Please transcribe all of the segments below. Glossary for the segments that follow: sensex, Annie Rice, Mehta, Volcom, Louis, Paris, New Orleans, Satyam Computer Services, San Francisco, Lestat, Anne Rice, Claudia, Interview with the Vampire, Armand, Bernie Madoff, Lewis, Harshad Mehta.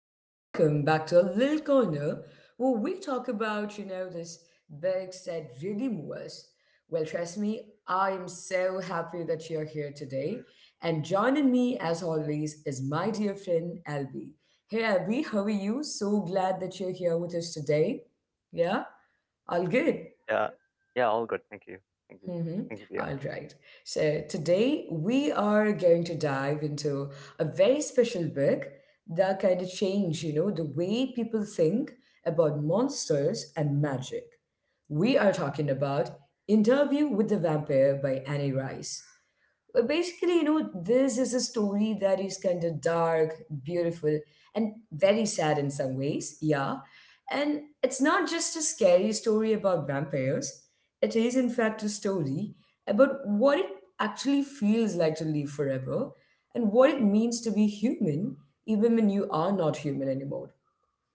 and welcome back to a little corner where we talk about, you know, this books that really move us. Well, trust me, I am so happy that you're here today. And joining me, as always, is my dear friend Albie. Hey, Albie, how are you? So glad that you're here with us today. Yeah, all good. Yeah. Yeah, all good. Thank you. Thank you. Mm-hmm. Thank you, Dia. All right. So today we are going to dive into a very special book that kind of changed, you know, the way people think about monsters and magic. We are talking about Interview with the Vampire by Annie Rice. Well, basically, you know, this is a story that is kind of dark, beautiful, and very sad in some ways. Yeah. And it's not just a scary story about vampires, it is, in fact, a story about what it actually feels like to live forever and what it means to be human, even when you are not human anymore.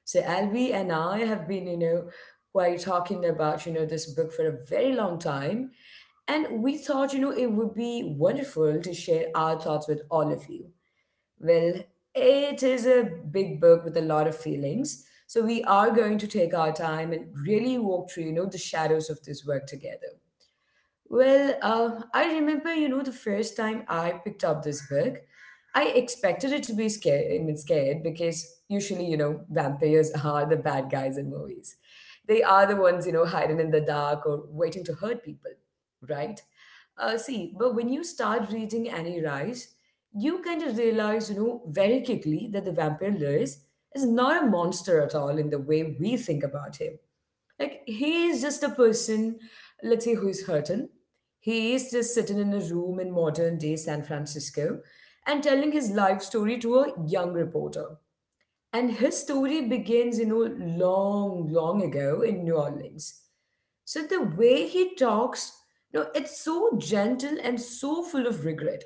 So Alvi and I have been, you know, quite talking about, you know, this book for a very long time. And we thought, you know, it would be wonderful to share our thoughts with all of you. Well, it is a big book with a lot of feelings. So we are going to take our time and really walk through, you know, the shadows of this work together. Well, I remember, you know, the first time I picked up this book, I expected it to be scared, I mean, scared because usually, you know, vampires are the bad guys in movies. They are the ones, you know, hiding in the dark or waiting to hurt people, right? See, but when you start reading Annie Rice, you kind of realize, you know, very quickly that the vampire Lewis is not a monster at all in the way we think about him like he is just a person, let's say, who's hurting. He is just sitting in a room in modern day San Francisco and telling his life story to a young reporter. And his story begins, you know, long, long ago in New Orleans. So the way he talks, you know, it's so gentle and so full of regret.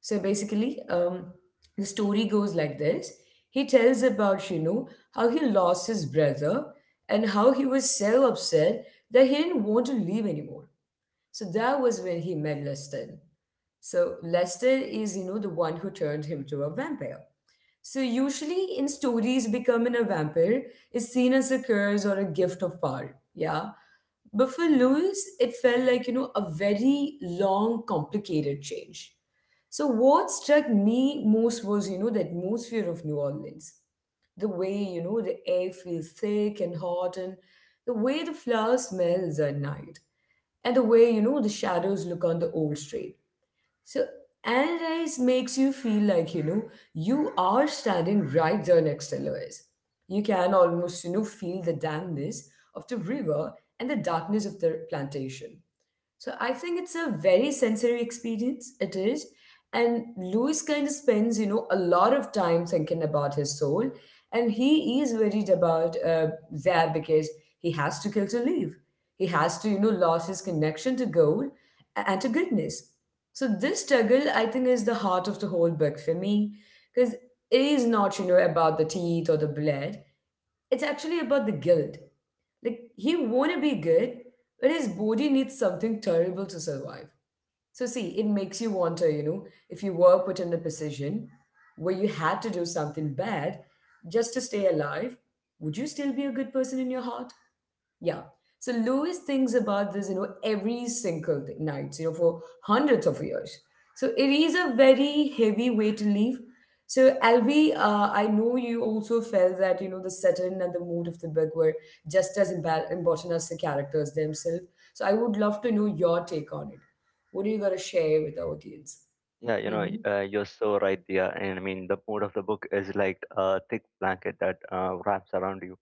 So basically, the story goes like this. He tells about, you know, how he lost his brother and how he was so upset that he didn't want to leave anymore. So that was when he met Lestat. So Lester is, you know, the one who turned him to a vampire. So usually in stories, becoming a vampire is seen as a curse or a gift of power. Yeah. But for Lewis, it felt like, you know, a very long, complicated change. So what struck me most was, you know, the atmosphere of New Orleans. The way, you know, the air feels thick and hot and the way the flower smells at night and the way, you know, the shadows look on the old street, so Anne makes you feel like, you know, you are standing right there next to Louis. You can almost, you know, feel the dampness of the river and the darkness of the plantation. So I think it's a very sensory experience. It is. And Louis kind of spends, you know, a lot of time thinking about his soul. And he is worried about that because he has to kill to live. He has to, you know, lose his connection to gold and to goodness. So this struggle, I think, is the heart of the whole book for me. Because it is not, you know, about the teeth or the blood. It's actually about the guilt. Like he wanna be good, but his body needs something terrible to survive. So see, it makes you wonder, you know, if you were put in a position where you had to do something bad just to stay alive, would you still be a good person in your heart? Yeah. So Lewis thinks about this, you know, every single day, night, you know, for hundreds of years. So it is a very heavy way to live. So Albie, I know you also felt that, you know, the setting and the mood of the book were just as important as the characters themselves. So I would love to know your take on it. What are you gonna share with the audience? Yeah, you know, you're so right, Dia. And I mean, the mood of the book is like a thick blanket that wraps around you.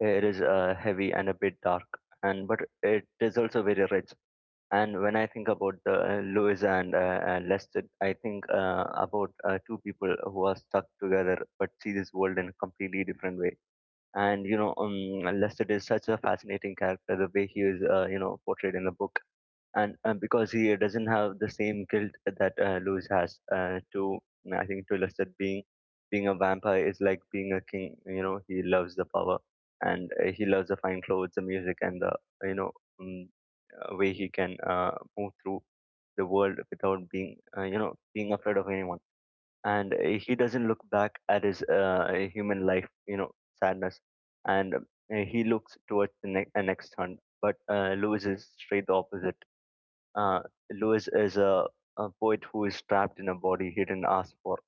It is heavy and a bit dark, and but it is also very rich. And when I think about the Louisa and Lester, I think about two people who are stuck together but see this world in a completely different way. And you know, Lester is such a fascinating character. The way he is, you know, portrayed in the book and because he doesn't have the same guilt that Luz has . To I think to illustrate, being a vampire is like being a king. You know, he loves the power, and he loves the fine clothes, the music, and the, you know, um, way he can move through the world without being you know, being afraid of anyone. And he doesn't look back at his human life, you know, sadness. And he looks towards the next hunt. But Lewis is straight the opposite. uh, Lewis is a poet who is trapped in a body he didn't ask for,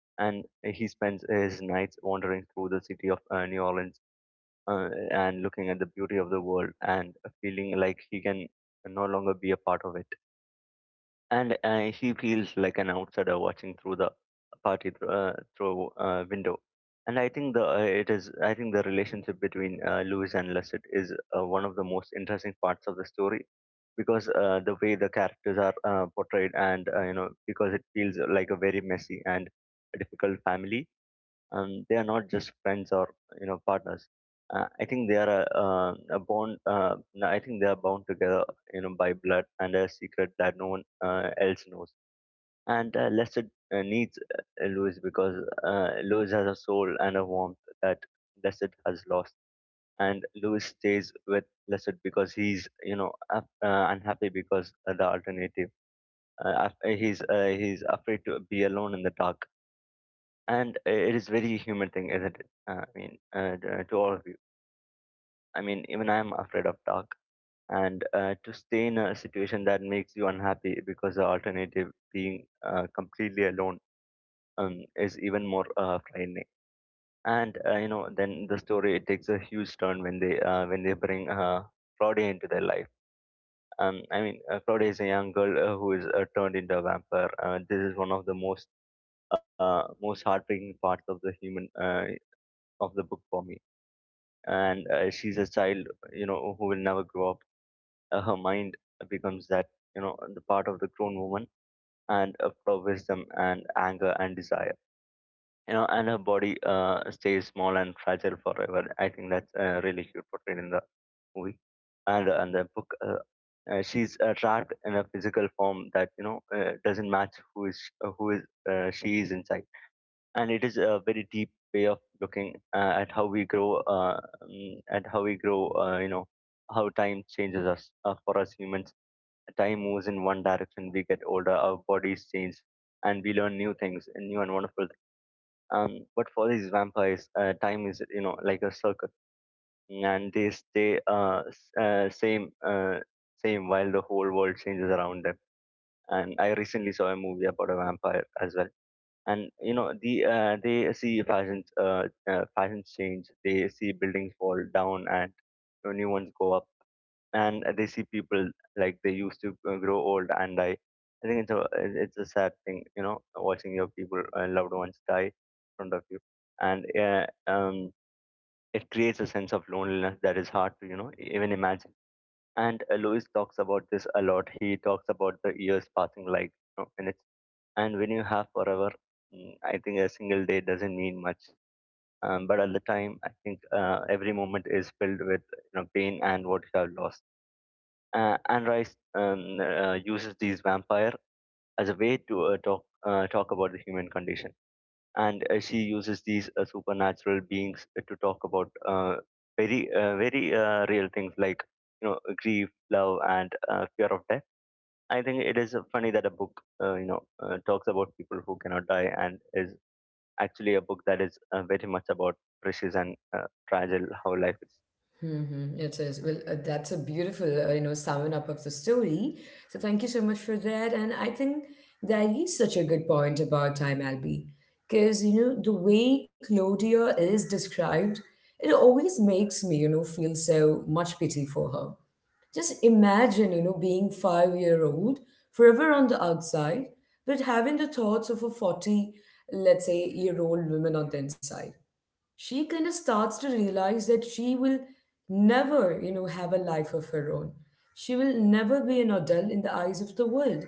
and he spends his nights wandering through the city of New Orleans, and looking at the beauty of the world and feeling like he can no longer be a part of it. And he feels like an outsider watching through the party through, through a window. And I think the it is I think the relationship between Lewis and Lusset is one of the most interesting parts of the story, because the way the characters are portrayed, and you know, because it feels like a very messy and difficult family. They are not just friends or, you know, partners. Uh, I think they are a bond no, I think they are bound together, you know, by blood and a secret that no one else knows. And Lester needs Louis because Louis has a soul and a warmth that Lester has lost. And Louis stays with Blessed because he's, you know, unhappy, because the alternative af- he's afraid to be alone in the dark. And it is very human thing, isn't it? I mean, to all of you, I mean, even I am afraid of dark. And to stay in a situation that makes you unhappy because the alternative being completely alone is even more frightening. And you know, then the story, it takes a huge turn when they bring Claudia into their life. I mean, Claudia is a young girl who is turned into a vampire. This is one of the most heartbreaking parts of the human of the book for me. And she's a child, you know, who will never grow up. Her mind becomes that, you know, the part of the grown woman, and for wisdom and anger and desire. You know, and her body stays small and fragile forever. I think that's really cute portrayed in the movie, and the book. She's trapped in a physical form that, you know, doesn't match who is she is inside. And it is a very deep way of looking at how we grow. You know, how time changes us, for us humans. Time moves in one direction. We get older, our bodies change, and we learn new things, and new and wonderful. But for these vampires, time is, you know, like a circle, and they stay same while the whole world changes around them. And I recently saw a movie about a vampire as well. And you know, they see fashions change, they see buildings fall down and, you know, new ones go up, and they see people, like they used to grow old and die. I think it's a, it's a sad thing, you know, watching your people loved ones die in front of you. And it creates a sense of loneliness that is hard to, you know, even imagine. And Lewis talks about this a lot. He talks about the years passing like, you know, minutes. And when you have forever, mm, I think a single day doesn't mean much. Um, but at the time, I think every moment is filled with, you know, pain and what you have lost. And Rice uses these vampire as a way to talk about the human condition. And she uses these supernatural beings to talk about very real things, like, you know, grief, love, and fear of death. I think it is funny that a book you know, talks about people who cannot die and is actually a book that is very much about precious and fragile how life is. Mm-hmm. It is. Well, that's a beautiful, you know, summing up of the story. So thank you so much for that. And I think that is such a good point about time, Albie, because, you know, the way Claudia is described, it always makes me, you know, feel so much pity for her. Just imagine, you know, being 5 year old, forever on the outside, but having the thoughts of a 40, let's say, year old woman on the inside, she kind of starts to realize that she will never, you know, have a life of her own. She will never be an adult in the eyes of the world.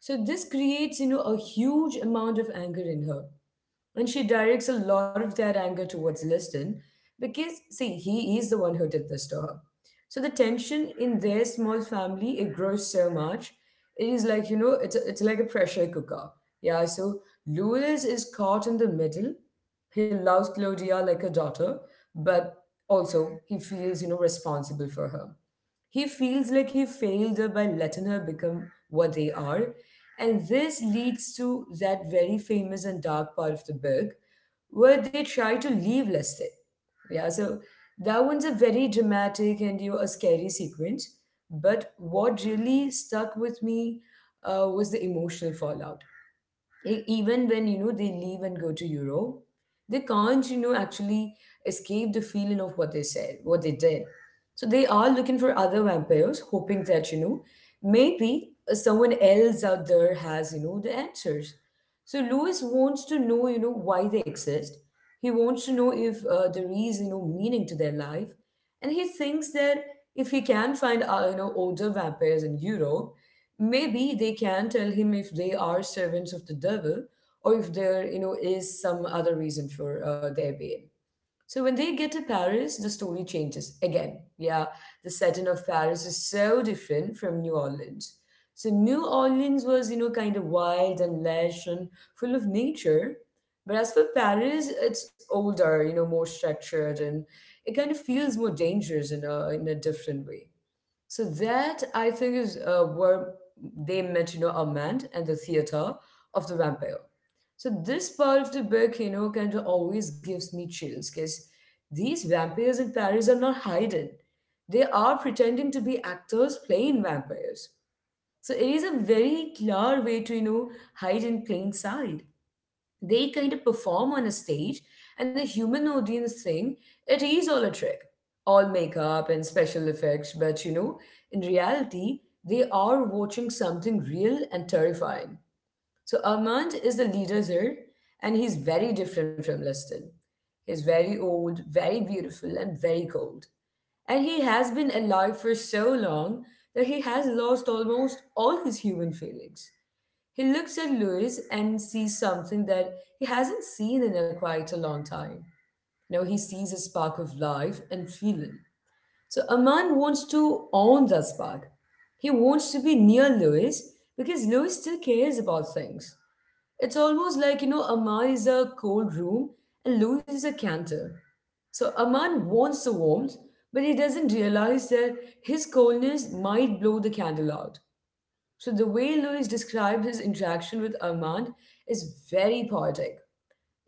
So this creates, you know, a huge amount of anger in her. And she directs a lot of that anger towards Liston because, see, he is the one who did this to her. So the tension in their small family, it grows so much. It is like, you know, it's like a pressure cooker. Yeah, so Louis is caught in the middle. He loves Claudia like a daughter, but also he feels, you know, responsible for her. He feels like he failed her by letting her become what they are. And this leads to that very famous and dark part of the book where they try to leave Lestat. Yeah, so that one's a very dramatic and, you know, a scary sequence. But what really stuck with me was the emotional fallout. Even when, you know, they leave and go to Europe, they can't, you know, actually escape the feeling of what they said, what they did. So they are looking for other vampires, hoping that, you know, maybe someone else out there has, you know, the answers. So Lewis wants to know, you know, why they exist. He wants to know if there is, you know, meaning to their life, and he thinks that if he can find you know, older vampires in Europe, maybe they can tell him if they are servants of the devil or if there, you know, is some other reason for their being. So when they get to Paris, the story changes again. Yeah, the setting of Paris is so different from New Orleans. So New Orleans was, you know, kind of wild and lush and full of nature, but as for Paris, it's older, you know, more structured, and it kind of feels more dangerous in a different way. So that I think is where they met, you know, Armand and the theater of the vampire. So this part of the book, you know, kind of always gives me chills because these vampires in Paris are not hidden. They are pretending to be actors playing vampires. So it is a very clear way to, you know, hide in plain sight. They kind of perform on a stage and the human audience think it is all a trick, all makeup and special effects, but you know, in reality, they are watching something real and terrifying. So Armand is the leader here, and he's very different from Liston. He's very old, very beautiful, and very cold. And he has been alive for so long that he has lost almost all his human feelings. He looks at Louis and sees something that he hasn't seen in a quite a long time. Now he sees a spark of life and feeling. So Aman wants to own that spark. He wants to be near Louis because Louis still cares about things. It's almost like, you know, Aman is a cold room and Louis is a canter. So Aman wants the warmth, but he doesn't realize that his coldness might blow the candle out. So the way Louis describes his interaction with Armand is very poetic.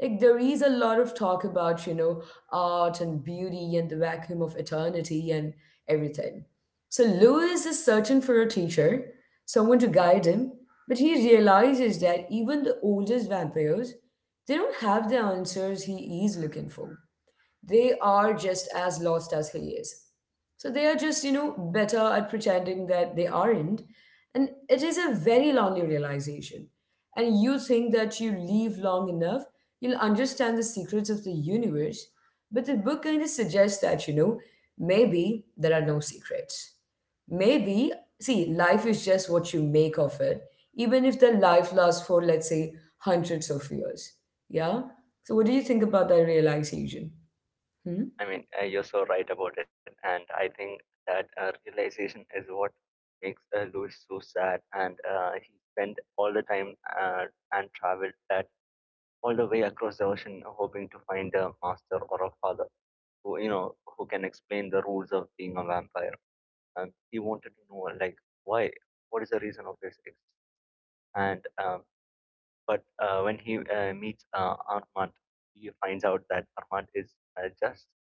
Like there is a lot of talk about, you know, art and beauty and the vacuum of eternity and everything. So Louis is searching for a teacher, someone to guide him, but he realizes that even the oldest vampires, they don't have the answers he is looking for. They are just as lost as he is. So they are just, you know, better at pretending that they aren't. And it is a very lonely realization. And you think that you live long enough, you'll understand the secrets of the universe. But the book kind of suggests that, you know, maybe there are no secrets. Maybe, see, life is just what you make of it, even if the life lasts for, let's say, hundreds of years. Yeah? So, what do you think about that realization? Hmm? I mean, you're so right about it. And I think that realization is what makes Lewis so sad. And he spent all the time uh, and traveled that all the way across the ocean, hoping to find a master or a father who, you know, who can explain the rules of being a vampire. And he wanted to know, like, why, what is the reason of this existence? And but when he meets Armand, he finds out that Armand is just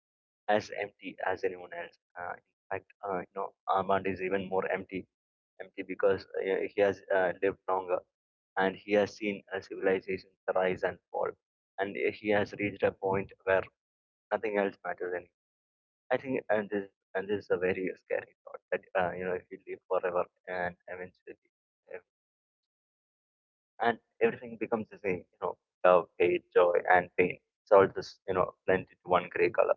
as empty as anyone else. In fact, you know, Armand is even more empty because he has lived longer, and he has seen a civilization rise and fall, and he has reached a point where nothing else matters anymore. I think, and this is a very scary thought, that, you know, if you live forever, and eventually, ev- and everything becomes the same, you know, love, hate, joy, and pain, it's all just, you know, blended into one gray color.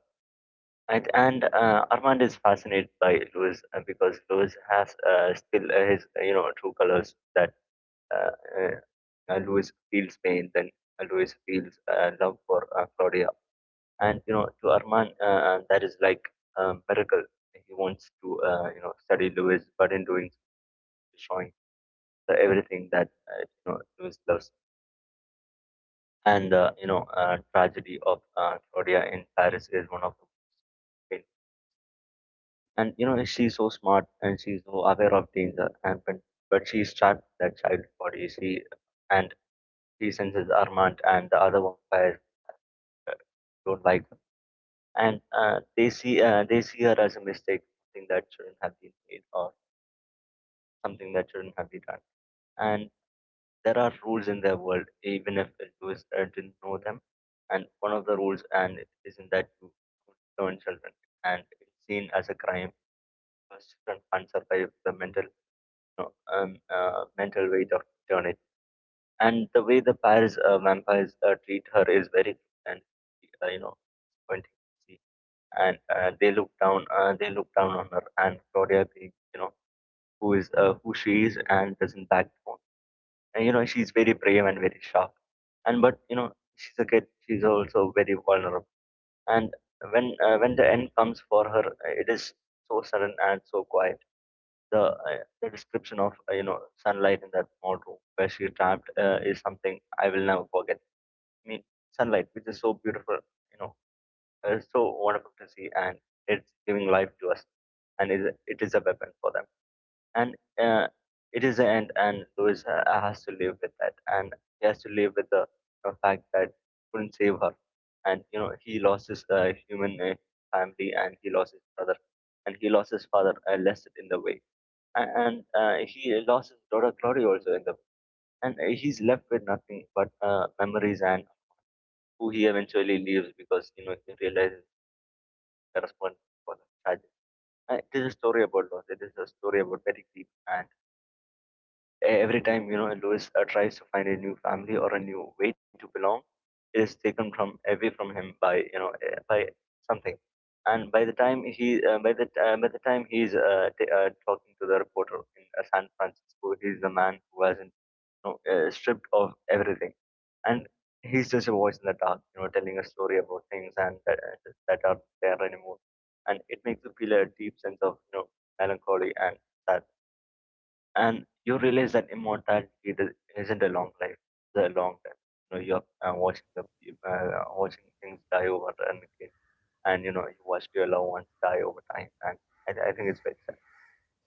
And Armand is fascinated by Lewis because Lewis has still his you know, true colors. That uh, Luis feels pain, then Luis feels love for Claudia. And you know, to Arman, that is like a miracle. He wants to you know, study Luis, but in doing so, showing the everything that you know, Luis loves. And you know, tragedy of Claudia in Paris is one of the pain. And you know, she's so smart and she's so aware of danger, but she's trapped in that child's body. She and she senses Armand and the other vampires don't like. And they see her as a mistake, something that shouldn't have been made, or something that shouldn't have been done. And there are rules in their world, even if Lewis didn't know them. And one of the rules, and it isn't that you don't turn children, and it's seen as a crime, because children can't survive the mental no, mental weight of turning. And the way the Paris vampires treat her is very, and you know, disappointing to see. And they look down on her. And Claudia, being, you know, who is who she is, and doesn't back down, and you know, she's very brave and very sharp. And But you know, she's a kid, she's also very vulnerable. And when the end comes for her, it is so sudden and so quiet. The description of, you know, sunlight in that small room where she trapped is something I will never forget. I mean, sunlight, which is so beautiful, you know, and it's so wonderful to see, and it's giving life to us, and it is a weapon for them. And uh, it is the end. And Louis has to live with that, and he has to live with the fact that couldn't save her. And you know, he lost his human family, and he lost his brother, and he lost his father, less in the way, and he lost his daughter Glory also in the, and he's left with nothing but memories. And who he eventually leaves because, you know, he realizes correspond for the child. And it is a story about loss. It is a story about very deep. And every time Louis tries to find a new family or a new way to belong, it is taken from away from him by by something. And by the time he by the time he's talking to the reporter in San Francisco, he's the man who hasn't stripped of everything and he's just a voice in the dark, telling a story about things and that, that are there anymore. And it makes you feel a deep sense of melancholy and sad. And you realize that immortality isn't a long life, it's a long time. You know, you're watching the watching things die over and again. And you watched your loved ones die over time. And I think it's very sad.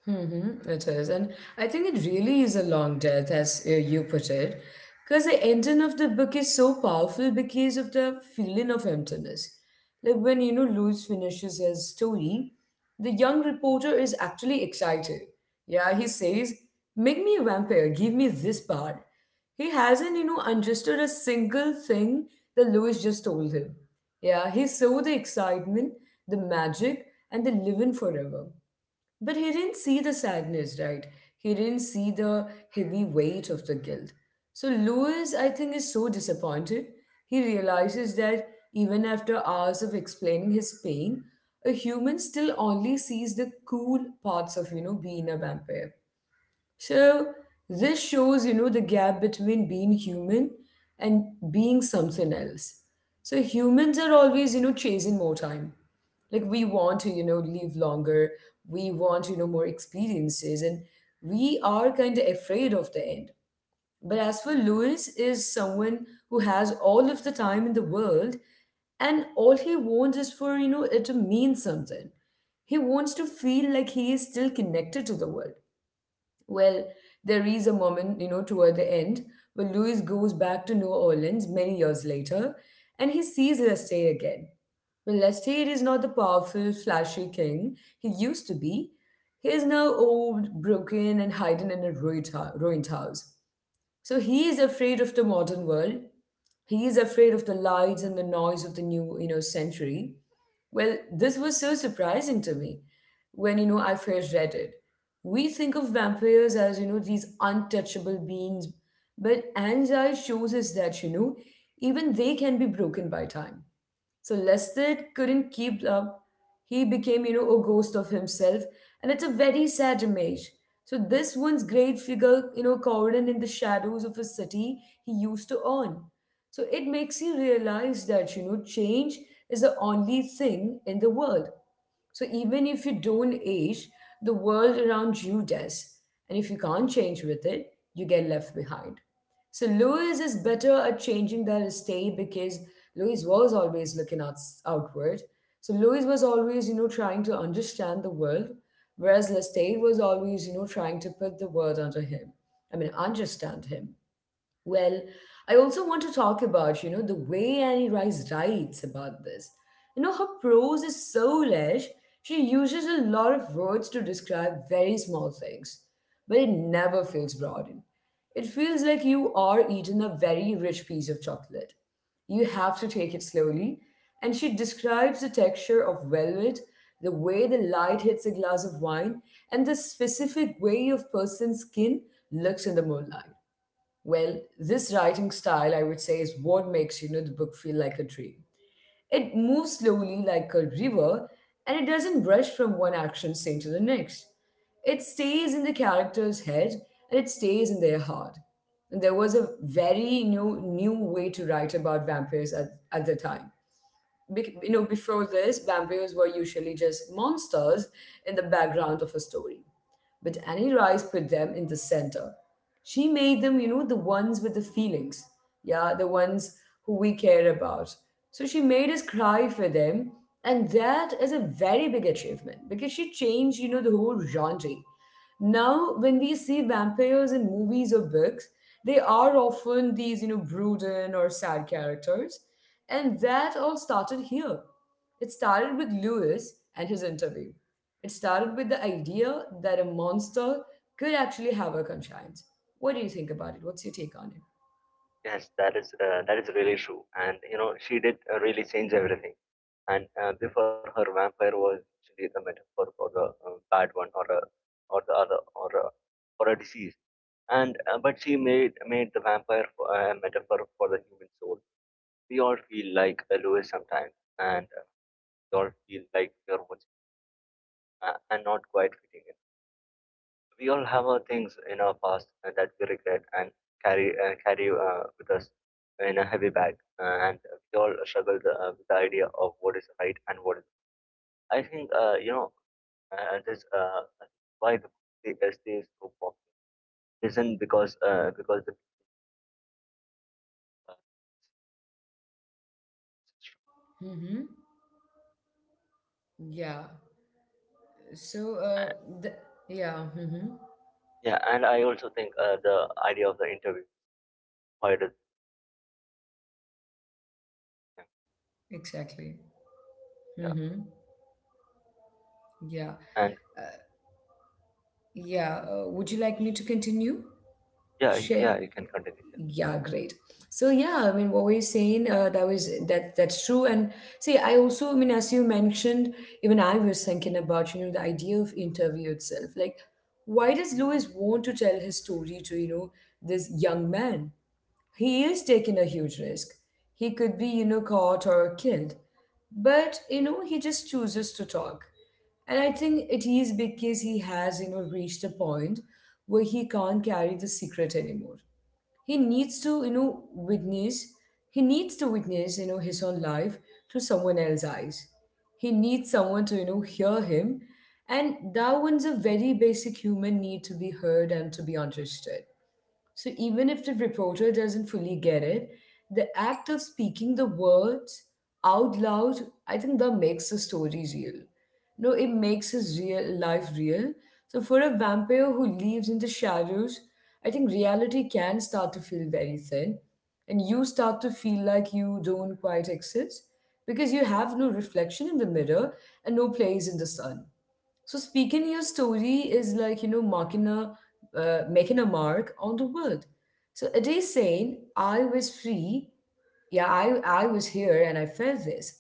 Mm-hmm, it is. And I think it really is a long death, as you put it, because the ending of the book is so powerful because of the feeling of emptiness. Like when, you know, Lewis finishes his story, the young reporter is actually excited. Yeah, he says, make me a vampire, give me this power. He hasn't, you know, understood a single thing that Lewis just told him. Yeah, he saw the excitement, the magic, and the living forever. But he didn't see the sadness, right? He didn't see the heavy weight of the guilt. So Lewis, I think, is so disappointed. He realizes that even after hours of explaining his pain, a human still only sees the cool parts of, you know, being a vampire. So this shows, you know, the gap between being human and being something else. So humans are always, you know, chasing more time. Like we want to, you know, live longer. We want, you know, more experiences, and we are kind of afraid of the end. But as for Lewis, is someone who has all of the time in the world, and all he wants is for you know it to mean something. He wants to feel like he is still connected to the world well, there is a moment, you know, toward the end when Louis goes back to New Orleans many years later and he sees Lestat again. Well, Lestat is not the powerful, flashy king he used to be. He is now old, broken, and hiding in a ruined, ruined house. So he is afraid of the modern world. He is afraid of the lights and the noise of the new, you know, century. Well, this was so surprising to me when, you know, I first read it. We think of vampires as, you know, these untouchable beings, but Anzai shows us that, you know, even they can be broken by time. So Lestat couldn't keep up. He became, you know, a ghost of himself, and it's a very sad image. So this one's great figure, you know, cowering in the shadows of a city he used to own. So it makes you realize that, you know, change is the only thing in the world so even if you don't age, the world around you does. And if you can't change with it, you get left behind. So Louis is better at changing than stay because Louis was always looking out, outward. So Louis was always, you know, trying to understand the world, whereas Lestat was always, you know, trying to put the world under him. I mean, understand him. Well, I also want to talk about, you know, the way Annie Rice writes about this. You know, her prose is so lush. She uses a lot of words to describe very small things, but it never feels broadened. It feels like you are eating a very rich piece of chocolate. You have to take it slowly, and she describes the texture of velvet, the way the light hits a glass of wine, and the specific way of person's skin looks in the moonlight. Well, this writing style, I would say, is what makes you know the book feel like a dream. It moves slowly like a river, and it doesn't rush from one action scene to the next. It stays in the character's head and it stays in their heart. And there was a very new way to write about vampires at the time. Bec you know, before this, vampires were usually just monsters in the background of a story. But Annie Rice put them in the center. She made them, you know, the ones with the feelings. Yeah, the ones who we care about. So she made us cry for them. And that is a very big achievement because she changed, you know, the whole genre. Now, when we see vampires in movies or books, they are often these, you know, brooding or sad characters. And that all started here. It started with Lewis and his interview. It started with the idea that a monster could actually have a conscience. What do you think about it? What's your take on it? Yes, that is really true, and she did really change everything. And before her, vampire was actually the metaphor for the bad one, or a, or the other, or a disease. And but she made the vampire a metaphor for the human soul. We all feel like a Lewis sometimes, and we all feel like we are watching and not quite fitting. We all have our things in our past that we regret and carry with us in a heavy bag, and we all struggle with the idea of what is right and what is. I think you know this why the SD is so popular isn't because the, uh, Mm-hmm. Yeah. So, and- the, yeah. Mm-hmm. yeah, and I also think the idea of the interview, why does Exactly. yeah Mm-hmm. Yeah. and Uh, yeah. Would you like me to continue? Share. yeah, you can continue, yeah, Yeah, great. So yeah, I mean, what were you saying? That was that's true. And see, I also, I mean, as you mentioned, even I was thinking about you know the idea of interview itself. Like, why does Lewis want to tell his story to you know this young man? He is taking a huge risk. He could be you know caught or killed, but you know he just chooses to talk. And I think it is because he has, you know, reached a point where he can't carry the secret anymore he needs to you know witness he needs to witness you know his own life through someone else's eyes he needs someone to you know hear him and that one's a very basic human need to be heard and to be understood so even if the reporter doesn't fully get it, the act of speaking the words out loud, I think that makes the story real. No, it makes his real life real. So for a vampire who lives in the shadows, I think reality can start to feel very thin. And you start to feel like you don't quite exist because you have no reflection in the mirror and no place in the sun. So speaking your story is like you know marking a making a mark on the world. So it is saying I was free, yeah, I was here and I felt this,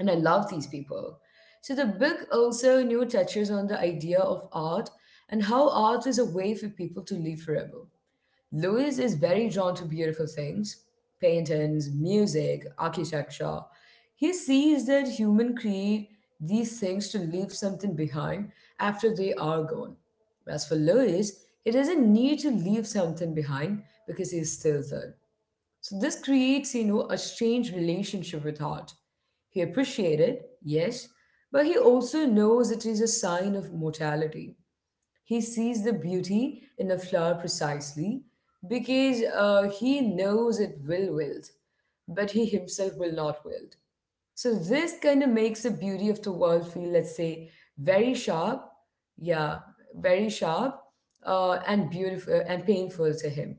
and I love these people. So the book also you know touches on the idea of art and how art is a way for people to live forever. Louis is very drawn to beautiful things paintings, music, architecture. He sees that humans create these things to leave something behind after they are gone. As for Louis, he doesn't need to leave something behind because he is still there. So this creates, you know, a strange relationship with art. He appreciated, yes, but he also knows it is a sign of mortality. He sees the beauty in a flower precisely because he knows it will wilt, but he himself will not wilt. So this kind of makes the beauty of the world feel, let's say, very sharp, yeah, very sharp, and beautiful and painful to him.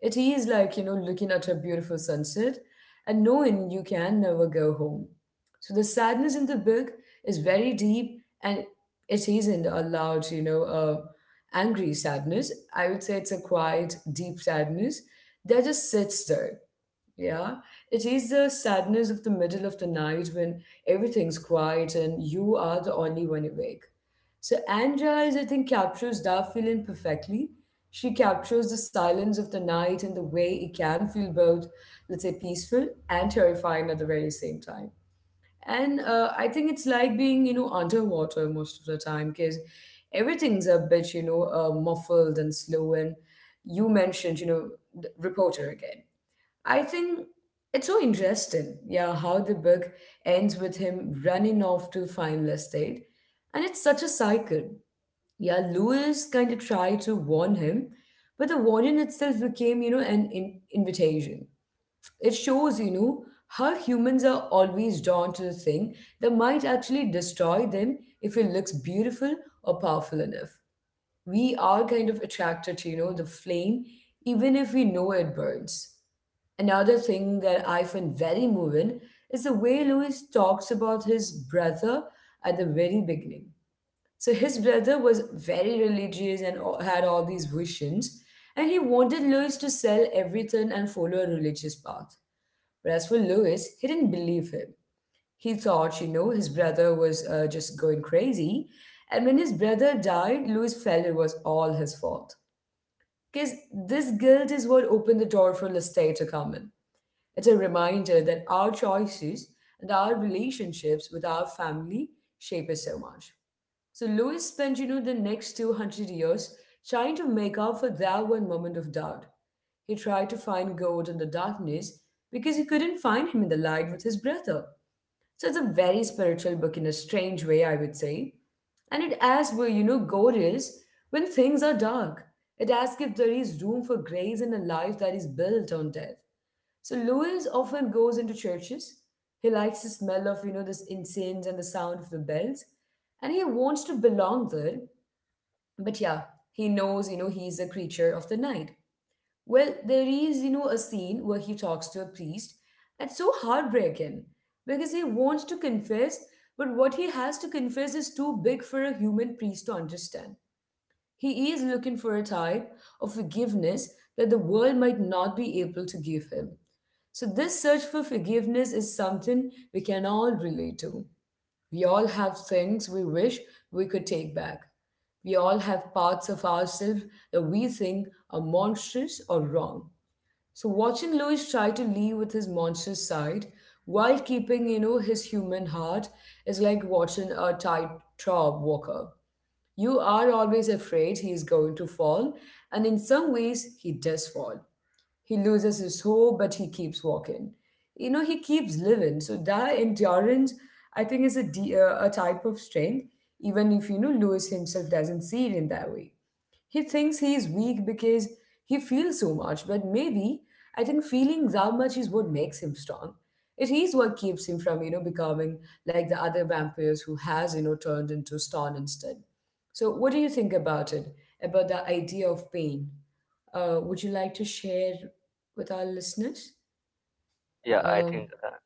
It is like, you know, looking at a beautiful sunset and knowing you can never go home. So the sadness in the book is very deep and it isn't a loud, you know, angry sadness. I would say it's a quiet, deep sadness that just sits there yeah, it is the sadness of the middle of the night when everything's quiet and you are the only one awake. So Anja is, I think, captures that feeling perfectly. She captures the silence of the night and the way it can feel both, let's say, peaceful and terrifying at the very same time. And I think it's like being, you know, underwater most of the time because everything's a bit, you know, muffled and slow. And you mentioned, you know, the reporter again. I think it's so interesting, yeah, how the book ends with him running off to find Lestat. And it's such a cycle. Yeah, Lewis kind of tried to warn him, but the warning itself became, you know, an invitation. It shows, you know, how humans are always drawn to the thing that might actually destroy them if it looks beautiful or powerful enough. We are kind of attracted to, you know, the flame, even if we know it burns. Another thing that I find very moving is the way Louis talks about his brother at the very beginning. So his brother was very religious and had all these visions, and he wanted Louis to sell everything and follow a religious path. Whereas for Louis, he didn't believe him. He thought, you know, his brother was just going crazy. And when his brother died, Louis felt it was all his fault. Because this guilt is what opened the door for Lestat to come in. It's a reminder that our choices and our relationships with our family shape us so much. So Louis spent, you know, the next 200 years trying to make up for that one moment of doubt. He tried to find God in the darkness because he couldn't find him in the light with his brother. So it's a very spiritual book in a strange way, I would say. And it asks where, you know, God is when things are dark. It asks if there is room for grace in a life that is built on death. So Louis often goes into churches. He likes the smell of, this incense and the sound of the bells. And he wants to belong there. But yeah, he knows, he's a creature of the night. Well, there is, a scene where he talks to a priest. That's so heartbreaking because he wants to confess, but what he has to confess is too big for a human priest to understand. He is looking for a type of forgiveness that the world might not be able to give him. So, this search for forgiveness is something we can all relate to. We all have things we wish we could take back. We all have parts of ourselves that we think are monstrous or wrong. So, watching Louis try to live with his monstrous side while keeping, his human heart is like watching a tightrope walker. You are always afraid he is going to fall, and in some ways, he does fall. He loses his hope, but he keeps walking. He keeps living. So that endurance, I think, is a type of strength, even if, Lewis himself doesn't see it in that way. He thinks he is weak because he feels so much, but maybe I think feeling that much is what makes him strong. It is what keeps him from, becoming like the other vampires who has, turned into stone instead. So what do you think about it, about the idea of pain? Would you like to share with our listeners? yeah I Uh, think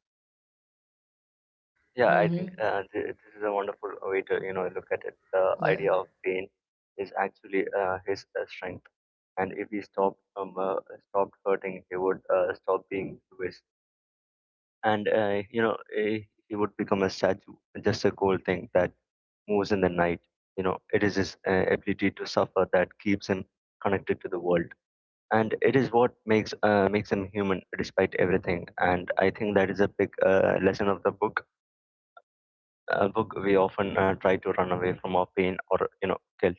yeah, I mm-hmm. think this is a wonderful way to look at it. The Yeah. idea of pain is actually his strength, and if he stopped hurting, he would stop being Jewish, and he would become a statue, just a cold thing that moves in the night. You know, it is his ability to suffer that keeps him connected to the world, and it is what makes makes him human despite everything. And I think that is a big lesson of the book. We often try to run away from our pain or guilt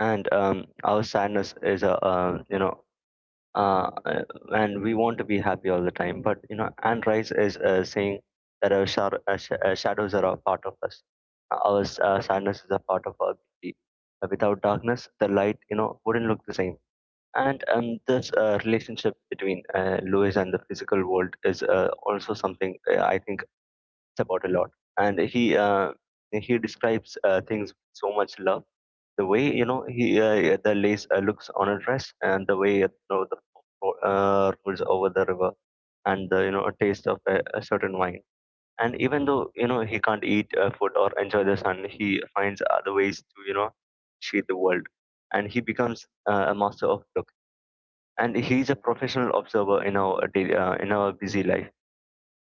and our sadness is a uh, uh, and we want to be happy all the time, but Anne Rice is saying that our shadows are a part of us, our sadness is a part of our beauty. Without darkness the light, wouldn't look the same. And this relationship between Lewis and the physical world is also something I think about a lot. And he describes things with so much love, the way you know he the lace looks on a dress, and the way the rolls over the river, and the, a taste of a certain wine. And even though he can't eat food or enjoy the sun, he finds other ways to shade the world. And he becomes a master of look, and he's a professional observer. In our daily, in our busy life,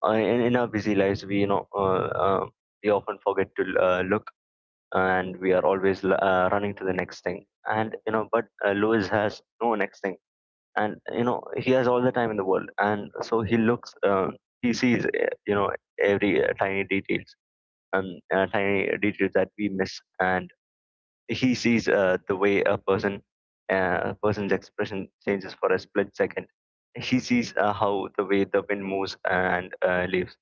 in our busy lives we we often forget to look. And we are always running to the next thing, and but Lewis has no next thing. And he has all the time in the world, and so he looks, he sees, every tiny details, tiny details that we miss. And he sees the way a person's expression changes for a split second. He sees how the way the wind moves and leaves.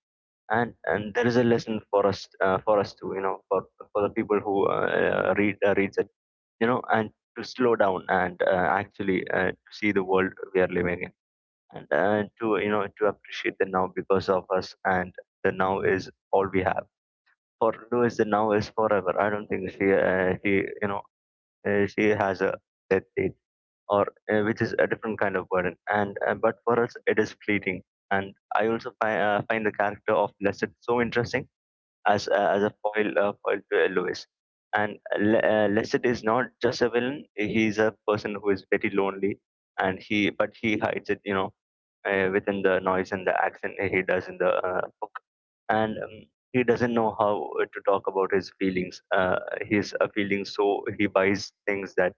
And there is a lesson for us, for us to, for the people who reads it, and to slow down and actually to see the world we are living in. And to you know to appreciate the now, because of us, and the now is all we have. For Lewis the now is forever. I don't think she, you know she has a death date, or which is a different kind of burden. And but for us it is fleeting. And I also find the character of Blessed so interesting as as a foil to Lewis. And Lestat is not just a villain; he's a person who is very lonely, and he but he hides it, within the noise and the accent he does in the book. And he doesn't know how to talk about his feelings. His feelings, so he buys things that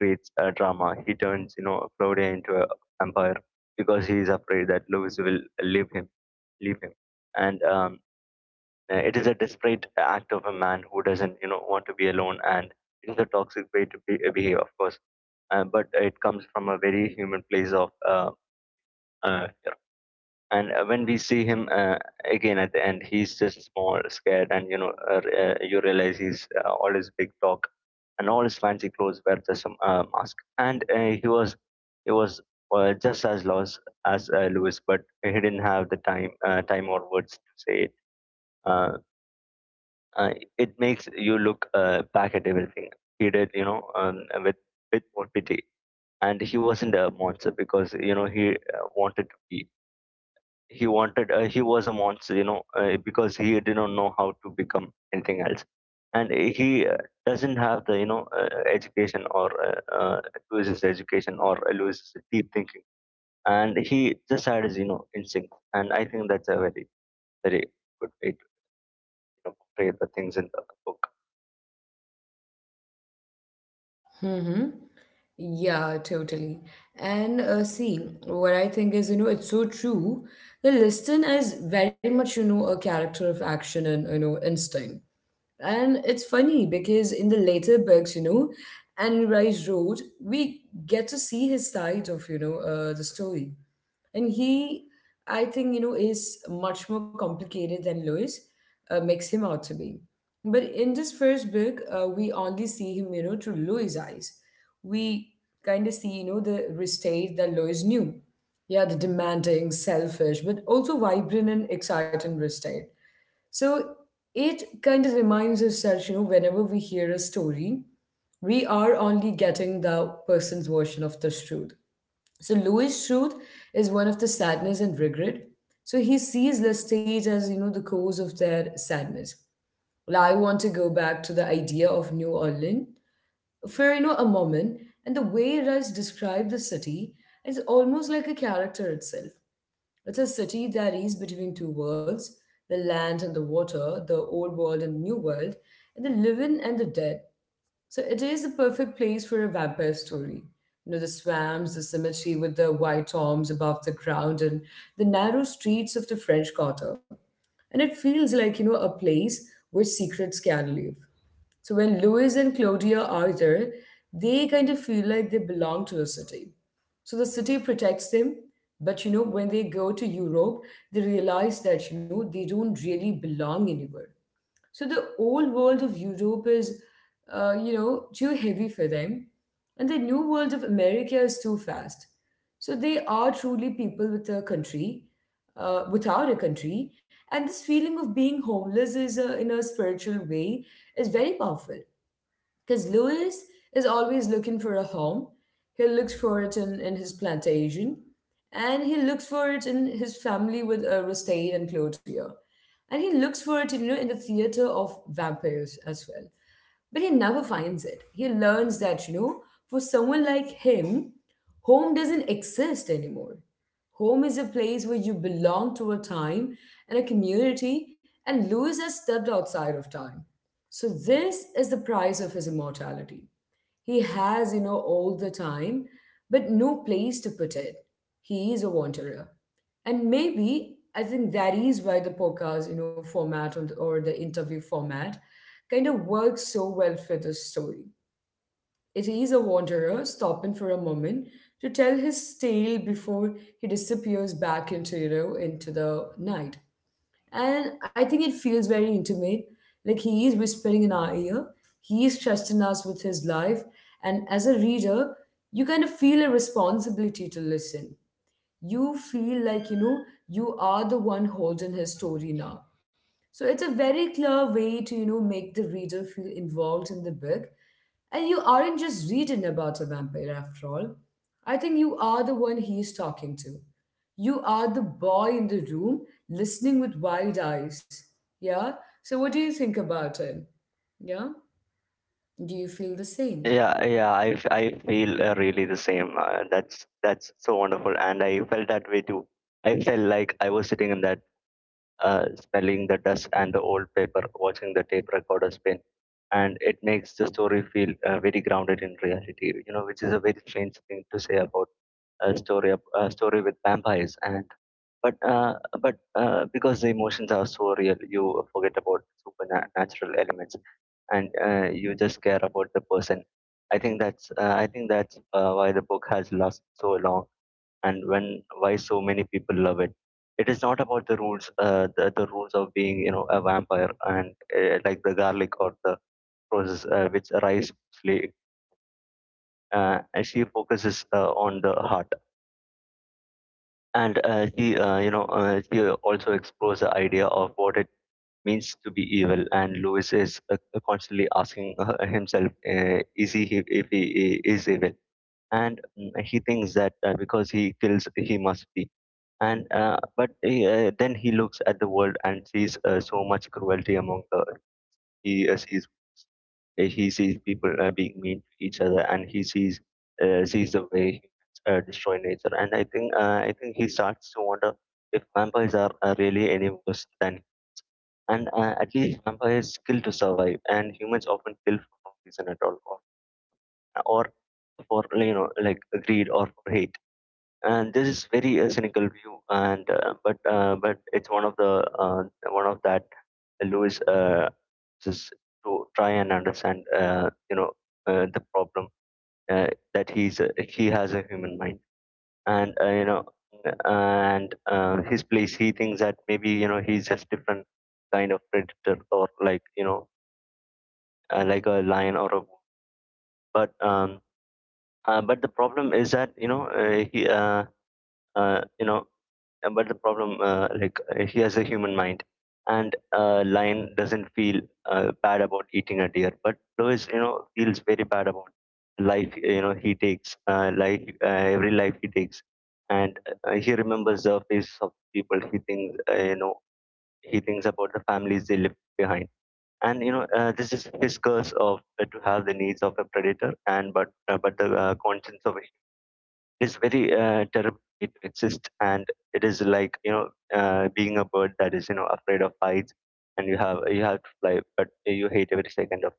creates drama. He turns, Claudia into a vampire because he is afraid that Lewis will leave him, and it is a desperate act of a man who doesn't, want to be alone, and it is a toxic way to be, behave, of course. But it comes from a very human place of fear. And when we see him again at the end, he's just small, scared, and you realize he's, all his big talk and all his fancy clothes were just a mask. And he was just as lost as Lewis, but he didn't have the time or words to say it. Uh, uh, it makes you look back at everything he did, with more pity. And he wasn't a monster because he wanted to be. He wanted, he was a monster, because he did not know how to become anything else. And he doesn't have the, education or loses education or loses deep thinking. And he just had his, instinct. And I think that's a very very good way to portray the things in the book. Mm-hmm. Yeah, totally. And see, what I think is, it's so true. The listener is very much, a character of action and, instinct. And it's funny because in the later books, Anne Rice wrote, we get to see his side of, the story. And he, I think, is much more complicated than Lewis makes him out to be. But in this first book, we only see him, through Louis' eyes. We kind of see, the restate that Louis knew. Yeah, the demanding, selfish, but also vibrant and exciting restate. So it kind of reminds us that, whenever we hear a story, we are only getting the person's version of the truth. So Louis' truth is one of the sadness and regret. So he sees Lestage as the cause of their sadness. Well, I want to go back to the idea of New Orleans for a moment, and the way Rice described the city is almost like a character itself. It's a city that is between two worlds, the land and the water, the old world and the new world, and the living and the dead. So it is a perfect place for a vampire story. The swamps, the cemetery with the white tombs above the ground, and the narrow streets of the French Quarter. And it feels like, a place where secrets can live. So when Louis and Claudia are there, they kind of feel like they belong to the city. So the city protects them, but when they go to Europe, they realize that, they don't really belong anywhere. So the old world of Europe is, too heavy for them, and the new world of America is too fast. So they are truly people without a country, and this feeling of being homeless is, in a spiritual way, is very powerful. Because Louis is always looking for a home. He looks for it in his plantation, and he looks for it in his family with and Clotier. And he looks for it, in the theater of vampires as well, but he never finds it. He learns that, for someone like him, home doesn't exist anymore. Home is a place where you belong to a time and a community, and Lewis has stepped outside of time. So, this is the price of his immortality. He has, all the time, but no place to put it. He is a wanderer, and maybe I think that is why the podcast, format or the interview format kind of works so well for this story. It is a wanderer stopping for a moment to tell his tale before he disappears back into the night. And I think it feels very intimate. Like he is whispering in our ear, he is trusting us with his life. And as a reader, you kind of feel a responsibility to listen. You feel like you are the one holding his story now. So it's a very clear way to make the reader feel involved in the book. And you aren't just reading about a vampire after all. I think you are the one he's talking to. You are the boy in the room listening with wide eyes. Yeah. So what do you think about him? Yeah, do you feel the same? Yeah, yeah, I feel really the same. That's so wonderful, and I felt that way too. I felt like I was sitting in that, smelling the dust and the old paper, watching the tape recorder spin, and it makes the story feel very grounded in reality. You know, which is a very strange thing to say about a a story with vampires, and but uh, but because the emotions are so real, you forget about supernatural elements. And you just care about the person. I think that's I think that's why the book has lasted so long, and when, why so many people love it. It is not about the rules, the rules of being, a vampire, and like the garlic or the roses, which rise slowly. And she focuses on the heart. And she you know she also explores the idea of what it means to be evil. And Lewis is constantly asking himself, is he if he is evil? And mm, he thinks that because he kills, he must be. And then he looks at the world and sees so much cruelty among the. He sees he sees people being mean to each other, and he sees the way humans destroy nature. And I think he starts to wonder if vampires are really any worse than. And at least vampire is skill to survive, and humans often kill for no reason at all, or for, like greed or for hate. And this is very a cynical view, and but it's one of the one of that Lewis just to try and understand, the problem, uh, that he has a human mind, and his place. He thinks that maybe, he's just different kind of predator, or like, like a lion or a wolf. But um, but the problem is that you know he you know but the problem, he has a human mind, and lion doesn't feel bad about eating a deer, but Lois, you know, feels very bad about life. You know, he takes life every life he takes, and he remembers the faces of people. He thinks, uh, he thinks about the families they left behind. And you know This is his curse, of to have the needs of a predator, and but the conscience of it is very terrible to exist. And it is like, you know, being a bird that is, you know, afraid of heights and you have to fly but you hate every second of.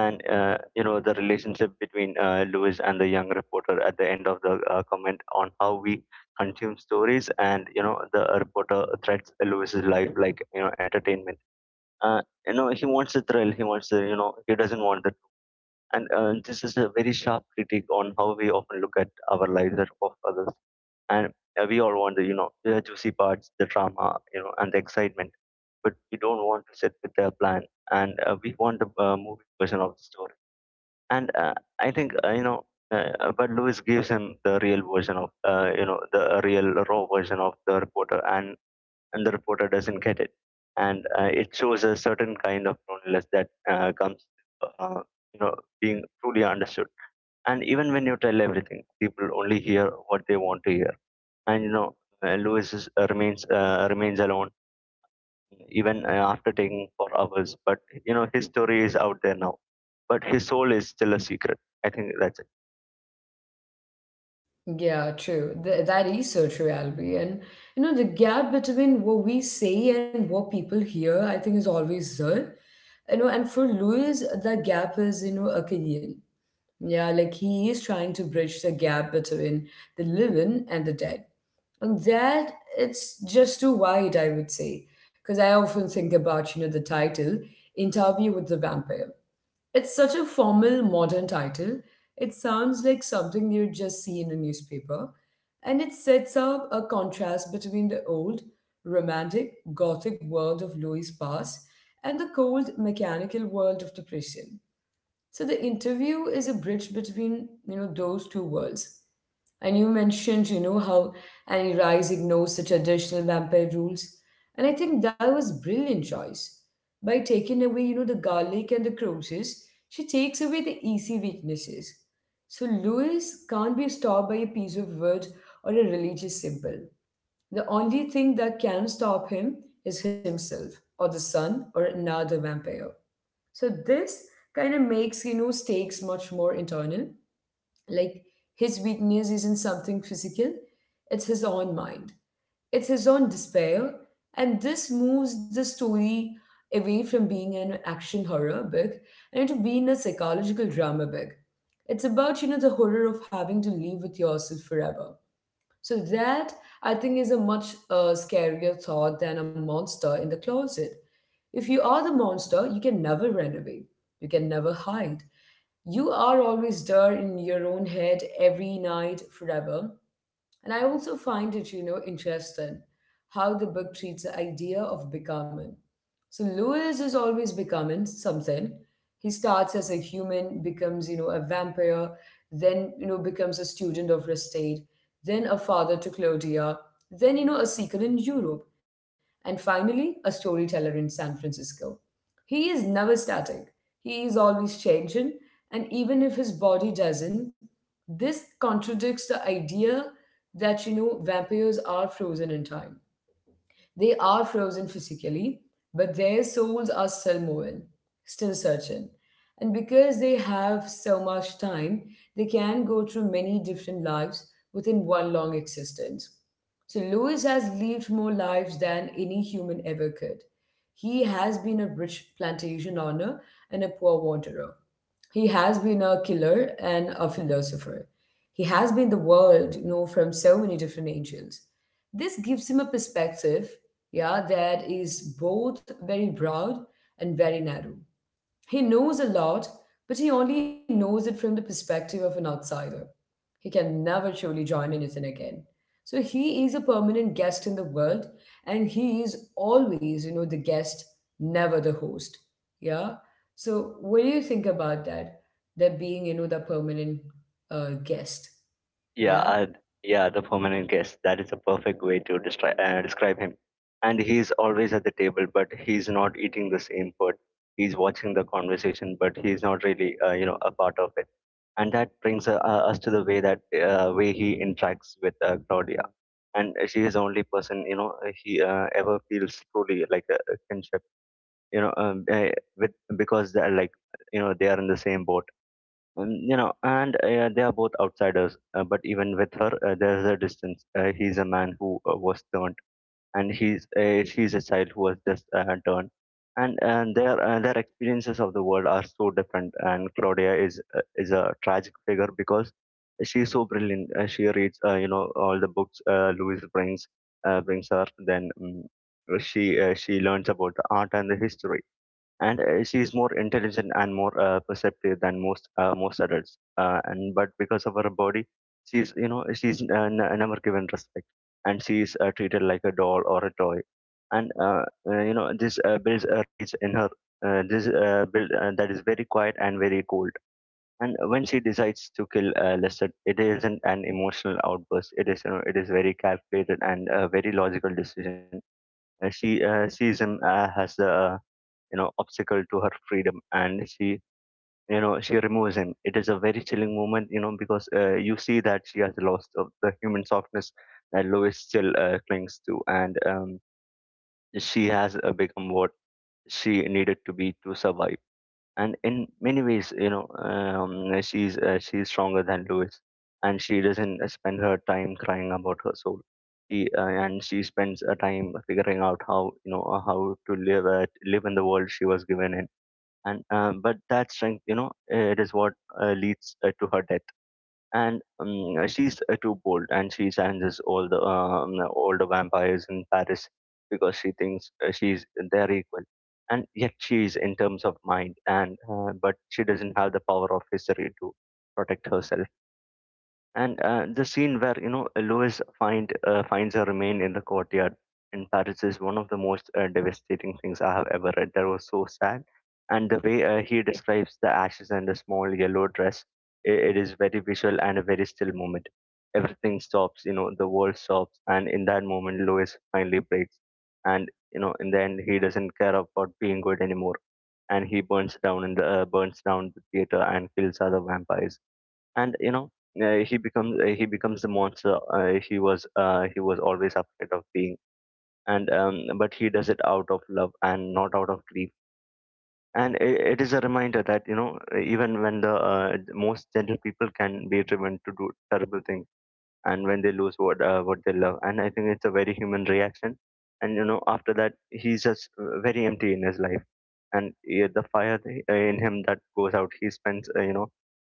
And you know, the relationship between Lewis and the young reporter at the end of the comment on how we consume stories. And you know, the reporter threats Lewis's life like, you know, entertainment. You know, he wants the thrill. He wants the, you know, he doesn't want the. And this is a very sharp critique on how we often look at our lives, that of others. And we all want the, you know, the juicy parts, the drama, you know, and the excitement. But we don't want to sit with their plan, and we want the movie version of the story. And I think, but Lewis gives him the real version of, you know, the real raw version of the reporter, and the reporter doesn't get it. And it shows a certain kind of loneliness that comes, uh, you know, being truly understood. And even when you tell everything, people only hear what they want to hear. And you know, Lewis is, remains alone even after taking for hours. But you know, his story is out there now. But his soul is still a secret. I think that's it. Yeah, true. That is so true, Albie. And the gap between what we say and what people hear, I think, is always there. And for Louis, the gap is, Akkadian. Yeah, like he is trying to bridge the gap between the living and the dead. And that, it's just too wide, I would say. Because I often think about, the title, Interview with the Vampire. It's such a formal modern title. It sounds like something you'd just see in a newspaper. And it sets up a contrast between the old, romantic, gothic world of Louis Pass and the cold, mechanical world of the prison. So the interview is a bridge between, those two worlds. And you mentioned, how Annie Rice ignores the traditional vampire rules. And I think that was brilliant choice. By taking away, the garlic and the crosses, she takes away the easy weaknesses. So Louis can't be stopped by a piece of wood or a religious symbol. The only thing that can stop him is himself, or the sun, or another vampire. So this kind of makes stakes much more internal. Like his weakness isn't something physical, it's his own mind. It's his own despair. And this moves the story away from being an action horror book and into being a psychological drama book. It's about, the horror of having to live with yourself forever. So that I think is a much scarier thought than a monster in the closet. If you are the monster, you can never run away. You can never hide. You are always there in your own head every night forever. And I also find it, interesting how the book treats the idea of becoming. So Lewis is always becoming something. He starts as a human, becomes, a vampire, then, becomes a student of Restate, then a father to Claudia, then, a seeker in Europe, and finally a storyteller in San Francisco. He is never static, he is always changing, and even if his body doesn't, this contradicts the idea that vampires are frozen in time. They are frozen physically, but their souls are still moving, still searching. And because they have so much time, they can go through many different lives within one long existence. So Lewis has lived more lives than any human ever could. He has been a rich plantation owner and a poor wanderer. He has been a killer and a philosopher. He has been the world, from so many different angles. This gives him a perspective, yeah, that is both very broad and very narrow. He knows a lot, but he only knows it from the perspective of an outsider. He can never truly join anything again. So he is a permanent guest in the world, and he is always, the guest, never the host. Yeah. So what do you think about that? That being, the permanent guest. Yeah, Yeah. and yeah, the permanent guest. That is a perfect way to describe him. And he's always at the table, but he's not eating the same food. He's watching the conversation, but he's not really, you know, a part of it. And that brings us to the way he interacts with Claudia. And she is the only person, you know, he ever feels truly like a kinship, you know, um, uh, with because they're like, you know, they are in the same boat, you know, and they are both outsiders. But even with her, there is a distance. He's a man who was turned, and he's she's a child who was just turned. And their experiences of the world are so different. And Claudia is a tragic figure because she's so brilliant. She reads, you know, all the books Louis brings her. Then she learns about the art and the history, and she is more intelligent and more perceptive than most adults, and but because of her body, she's, you know, she's never given respect, and she is treated like a doll or a toy. And You know, this builds a rage in her, this build that is very quiet and very cold. And when she decides to kill Lester, it isn't an emotional outburst, it is, you know, it is very calculated, and a very logical decision. She sees him as the you know obstacle to her freedom, and she, you know, she removes him. It is a very chilling moment, you know, because you see that she has lost of the human softness that Lois still clings to. And She has become what she needed to be to survive. And in many ways, you know, she's stronger than Lois, and she doesn't spend her time crying about her soul. She spends her time figuring out how, you know, how to live, live in the world she was given in. And But that strength, you know, it is what leads to her death. And She's too bold, and she challenges all the vampires in Paris because she thinks she's their equal. And yet she is, in terms of mind, and but she doesn't have the power of history to protect herself. And the scene where, you know, Lois finds her remain in the courtyard in Paris is one of the most devastating things I have ever read. That was so sad, and the way he describes the ashes and the small yellow dress, it is very visual and a very still moment. Everything stops, you know, the world stops, and in that moment, Lois finally breaks. And you know, in the end, he doesn't care about being good anymore, and he burns down the theater and kills other vampires. And you know He becomes, a monster he was always afraid of being. And But he does it out of love and not out of grief. And it is a reminder that, you know, even when the most gentle people can be driven to do terrible things and when they lose what they love. And I think it's a very human reaction. And you know, after that, he's just very empty in his life. And yeah, the fire in him that goes out. He spends,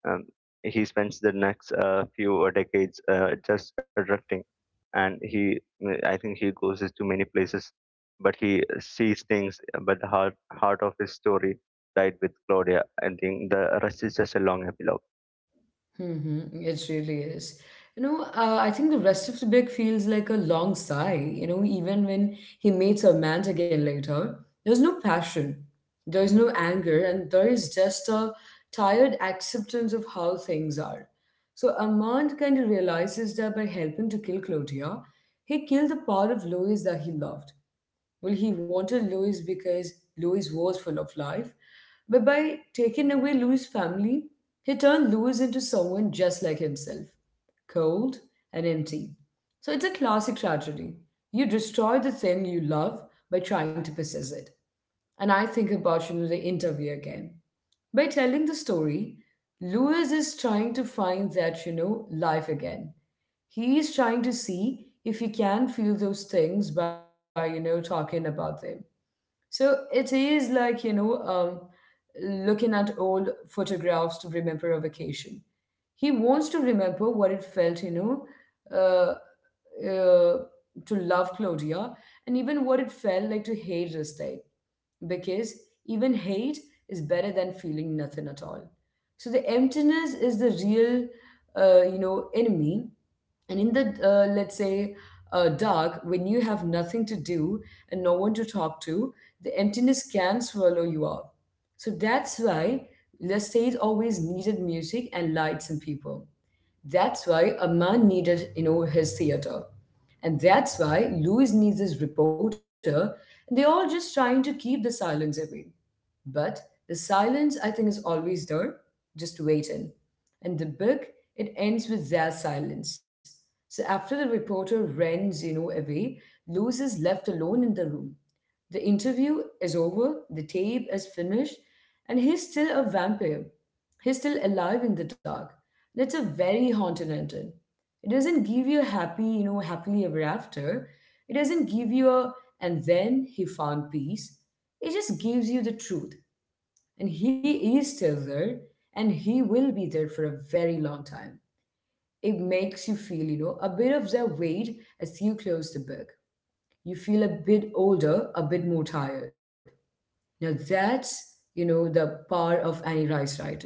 um, he spends the next few decades just adapting, and he, I think, he goes to many places, but he sees things. But the heart of his story died with Claudia. I think the rest is just a long epilogue. Mm-hmm. It really is. I think the rest of the book feels like a long sigh. Even when he meets her again later, there's no passion, there's no anger, and there is just a tired acceptance of how things are. So Armand kind of realizes that by helping to kill Clotia, he killed the part of Louis that he loved. Well, he wanted Louis because Louis was full of life. But by taking away Louis' family, he turned Louis into someone just like himself, cold and empty. So it's a classic tragedy. You destroy the thing you love by trying to possess it. And I think about the interview again. By telling the story, Louis is trying to find that life again. He is trying to see if he can feel those things by talking about them. So it is like, looking at old photographs to remember a vacation. He wants to remember what it feltuh, uh, to love Claudia and even what it felt like to hate this type. Because even hate is better than feeling nothing at all. So the emptiness is the real, enemy. And in the, let's say, dark, when you have nothing to do and no one to talk to, the emptiness can swallow you up. So that's why the stage always needed music and lights and people. That's why a man needed his theater. And that's why Louis needs his reporter. And they're all just trying to keep the silence away. But the silence, I think, is always there, just waiting. And the book, it ends with their silence. So after the reporter runs away, Louis is left alone in the room. The interview is over, the tape is finished, and he's still a vampire. He's still alive in the dark. And it's a very haunted ending. It doesn't give you a happy, happily ever after. It doesn't give you a and then he found peace. It just gives you the truth. And he is still there, and he will be there for a very long time. It makes you feel a bit of the weight as you close the book. You feel a bit older, a bit more tired. Now that's the power of Annie Rice Riordan.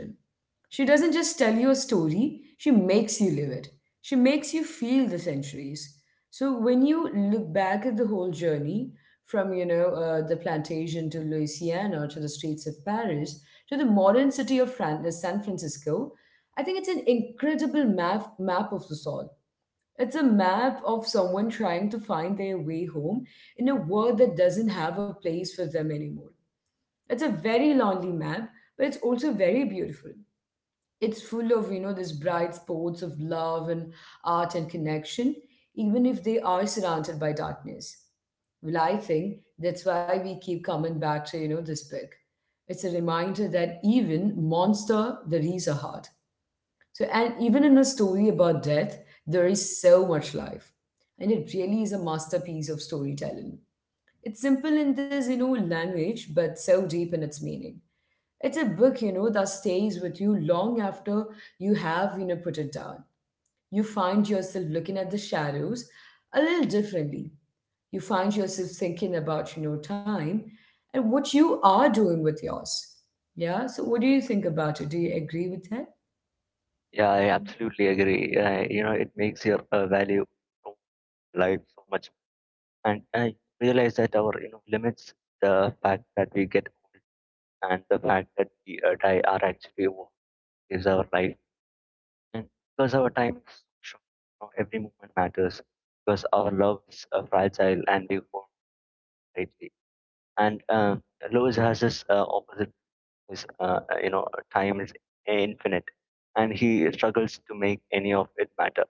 She doesn't just tell you a story, she makes you live it. She makes you feel the centuries. So when you look back at the whole journey, from, the plantation to Louisiana to the streets of Paris to the modern city of San Francisco, I think it's an incredible map of the soul. It's a map of someone trying to find their way home in a world that doesn't have a place for them anymore. It's a very lonely map, but it's also very beautiful. It's full of, these bright spots of love and art and connection, even if they are surrounded by darkness. Well, I think that's why we keep coming back to this book. It's a reminder that even monster, there is a heart. So, and even in a story about death, there is so much life. And it really is a masterpiece of storytelling. It's simple in this language, but so deep in its meaning. It's a book that stays with you long after you have put it down. You find yourself looking at the shadows a little differently. You find yourself thinking about time and what you are doing with yours. Yeah. So, what do you think about it? Do you agree with Yeah, I absolutely agree. You know, it makes your value of life so much. And I realize that our, you know, limits, the fact that we get old, and the fact that we die are actually what gives our life. And because our time is so short, every moment matters, because our loves are fragile and we want lightly. And Lois has this opposite. His, you know, time is infinite, and he struggles to make any of it matter.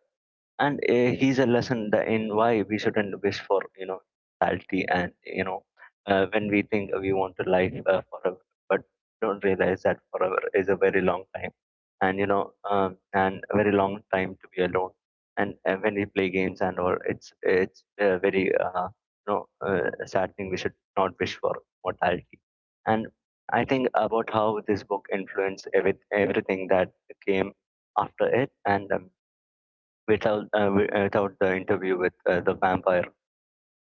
And he's a lesson that in why we shouldn't wish for, you know, mortality. And you know, when we think we want a life, forever, but don't realize that forever is a very long time, and you know, and a very long time to be alone. And when we play games and all, it's very, sad thing we should not wish for mortality. And I think about how this book influenced everything that came after it. And without the interview with the vampire,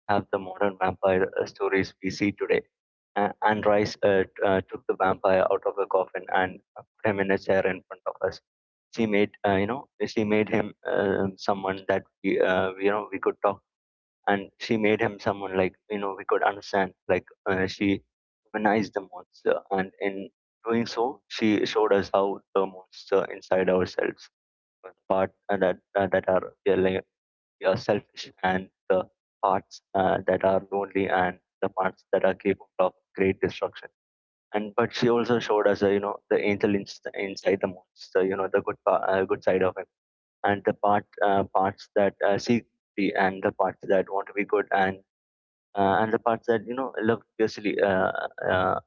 have the modern vampire stories we see today. And Rice took the vampire out of the coffin and put him in a chair in front of us. She made, uh, she made him, someone that we, you know, we could talk. And she made him someone like, you know, we could understand. Like, she humanized the monster, and in doing so, she showed us how the monster inside ourselves, the part that are really, yeah, selfish, and the parts that are lonely, and the parts that are capable of great destruction. And but she also showed us, you know, the angel in, inside the monster, you know, the good side of him, and the parts that seek beauty, and the parts that want to be good, and the parts that, you know, love fiercely, uh,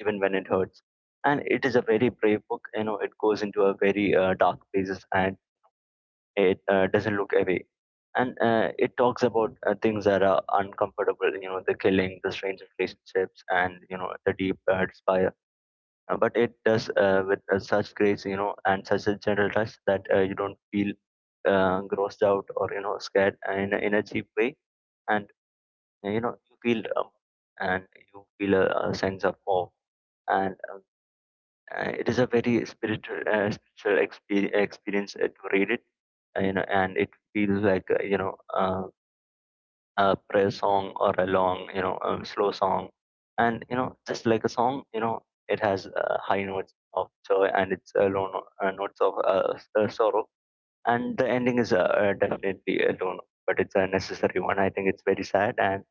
even when it hurts. And it is a very brave book. You know, it goes into a very dark places, and it doesn't look away, and it talks about things that are uncomfortable, you know, the killing, the strange relationships, and you know the deep despair. But it does with such grace, you know, and such a gentle touch that you don't feel grossed out or, you know, scared in a cheap way. And you know you feel and you feel a sense of awe. And It is a very spiritual spiritual experience to read it. You know, and it feels like a prayer song, or a long, slow song. And you know, just like a song, you know, it has high notes of joy, and it's low notes of sorrow. And the ending is definitely a low note, but it's a necessary one. I think it's very sad, and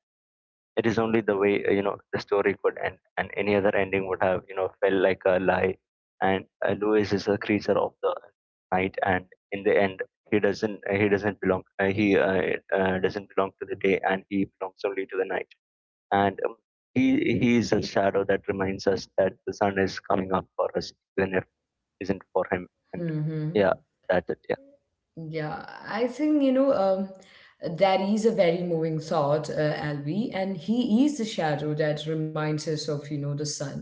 it is only the way, you know, the story could end, and any other ending would have, you know, felt like a lie. And Louis is a creature of the night, and in the end he doesn't belong, he doesn't belong to the day, and he belongs only to the night. And he he is a shadow that reminds us that the sun is coming up for us, even if it isn't for him. And that? yeah, that's it, yeah. Yeah, I think, that is a very moving thought, Albie, and he is the shadow that reminds us of the sun.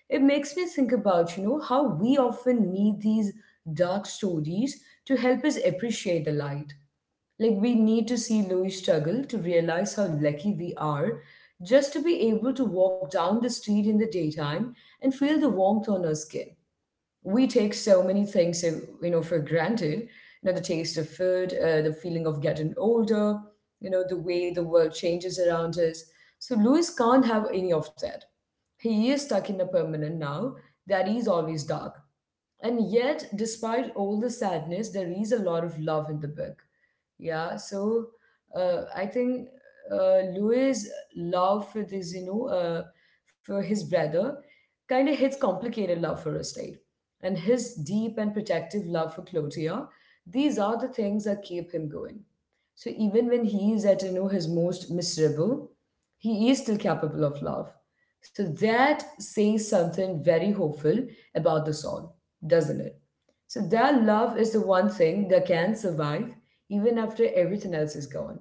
It makes me think about how we often need these dark stories to help us appreciate the light. Like, we need to see Louis struggle to realize how lucky we are just to be able to walk down the street in the daytime and feel the warmth on our skin. We take so many things for granted. The taste of food, the feeling of getting older, the way the world changes around us. So Louis can't have any of that. He is stuck in a permanent now that is always dark. And yet, despite all the sadness, there is a lot of love in the book. Yeah, so I think Louis' love for this, for his brother, kind of his complicated love for estate, and his deep and protective love for Clotia. These are the things that keep him going. So even when he is at his most miserable, he is still capable of love. So that says something very hopeful about the song, doesn't it? So their love is the one thing that can survive even after everything else is gone.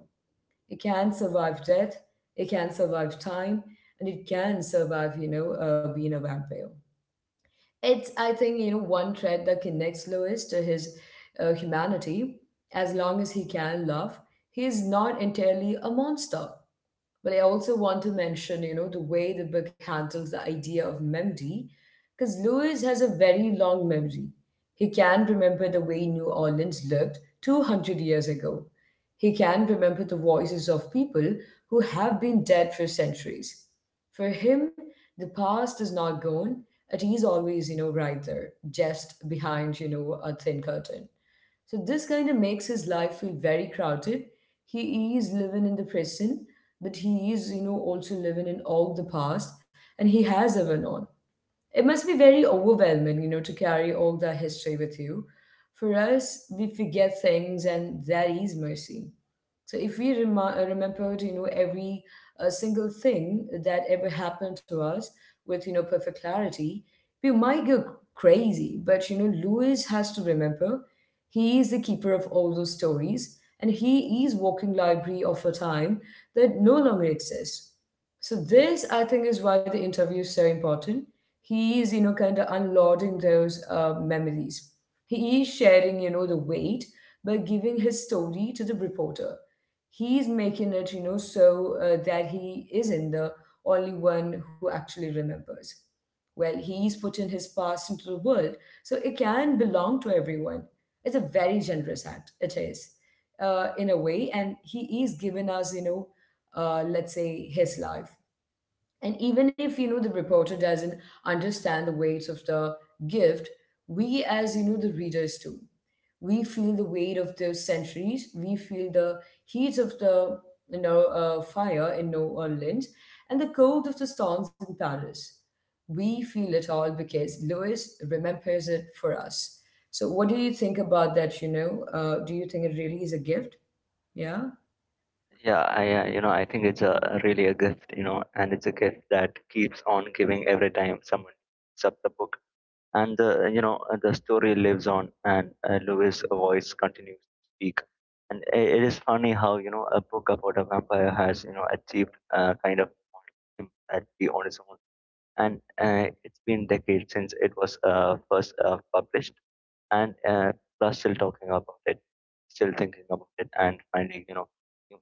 It can survive death, it can survive time, and it can survive, being a vampire. It's, I think one thread that connects Lewis to his humanity. As long as he can love, he is not entirely a monster. But I also want to mention the way the book handles the idea of memory, because Lewis has a very long memory. He can remember the way New Orleans looked 200 years ago. He can remember the voices of people who have been dead for centuries. For him, the past is not gone. It is always right there, just behind a thin curtain. So this kind of makes his life feel very crowded. He is living in the present, but he is also living in all the past, and he has ever known. It must be very overwhelming to carry all that history with you. For us, we forget things, and that is mercy. So if we remembered, every single thing that ever happened to us with, perfect clarity, we might go crazy. But Lewis has to remember. He is the keeper of all those stories, and he is walking library of a time that no longer exists. So this, I think, is why the interview is so important. He is kind of unloading those memories. He is sharing the weight by giving his story to the reporter. He's making it so that he isn't the only one who actually remembers. Well, he's putting his past into the world, so it can belong to everyone. It's a very generous act, it is, in a way, and he is giving us, let's say his life. And even if the reporter doesn't understand the weight of the gift, we as the readers do. We feel the weight of the centuries, we feel the heat of the fire in New Orleans, and the cold of the storms in Paris. We feel it all because Lewis remembers it for us. So what do you think about that? Do you think it really is a gift? Yeah. Yeah, I, you know, I think it's a really a gift, you know, and it's a gift that keeps on giving every time someone picks up the book. And the, you know, the story lives on, and Louis' voice continues to speak. And I it is funny how, you know, a book about a vampire has, you know, achieved kind of immortality on its own. And it's been decades since it was first published, and plus still talking about it, still thinking about it, and finding, you know, new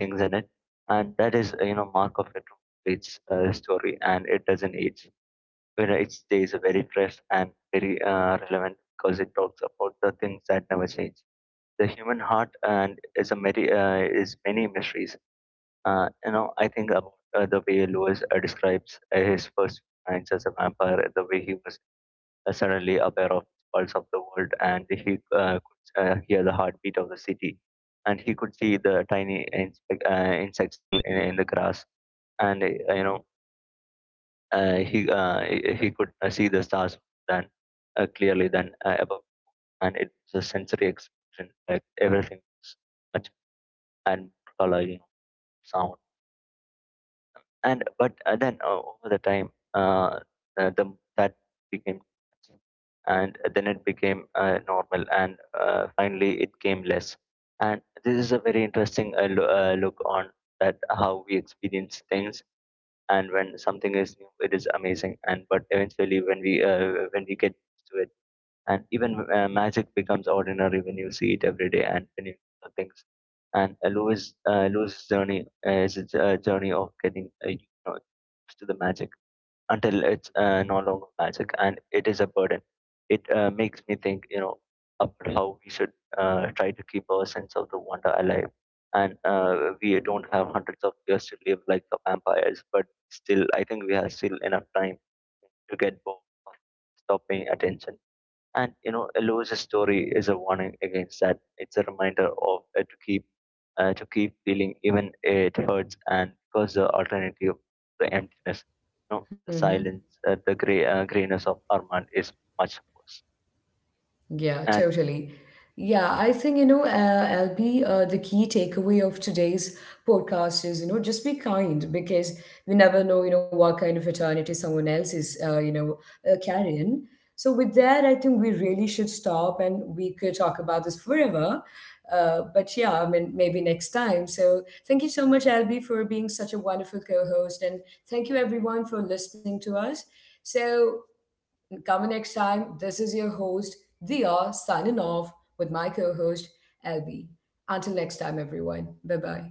things in it. And that is you know, mark of retro its story, and it doesn't age. Where it stays very fresh and very relevant, because it talks about the things that never change. The human heart and is a many is many mysteries. You know, I think about the way Lewis describes his first nights as a vampire, the way he was suddenly aware of the pulse of the world, and he could hear the heartbeat of the city, and he could see the tiny insects in the grass, and you know uh, he uh, he could see the stars than clearly than above. And it was a sensory experience, like everything was much, and color, you know, sound. And but then over the time, the that became, and then it became normal, and finally it came less. And this is a very interesting look on that how we experience things. And when something is new it is amazing, and but eventually when we get used to it, and even magic becomes ordinary when you see it every day, and when you do things. And Louis' journey is a a journey of getting, you know, used to the magic until it's no longer magic and it is a burden. It makes me think, you know, about how we should try to keep our sense of the wonder alive. And we don't have hundreds of years to live like the vampires, but still, I think we have still enough time to get bored of stop paying attention. And you know, Eloise's story is a warning against that. It's a reminder of, to keep feeling even it hurts, and because the alternative, the emptiness, you know, the Mm-hmm. silence, the gray grayness of Armand is much worse. Yeah, And totally. Yeah, I think, LB, the key takeaway of today's podcast is just be kind, because we never know what kind of eternity someone else is, carrying. So, with that, I think we really should stop, and we could talk about this forever. But yeah, I mean, maybe next time. So, thank you so much, LB, for being such a wonderful co host. And thank you, everyone, for listening to us. So, and coming next time, this is your host, Dia, signing off with my co host, LB. Until next time, everyone. Bye bye.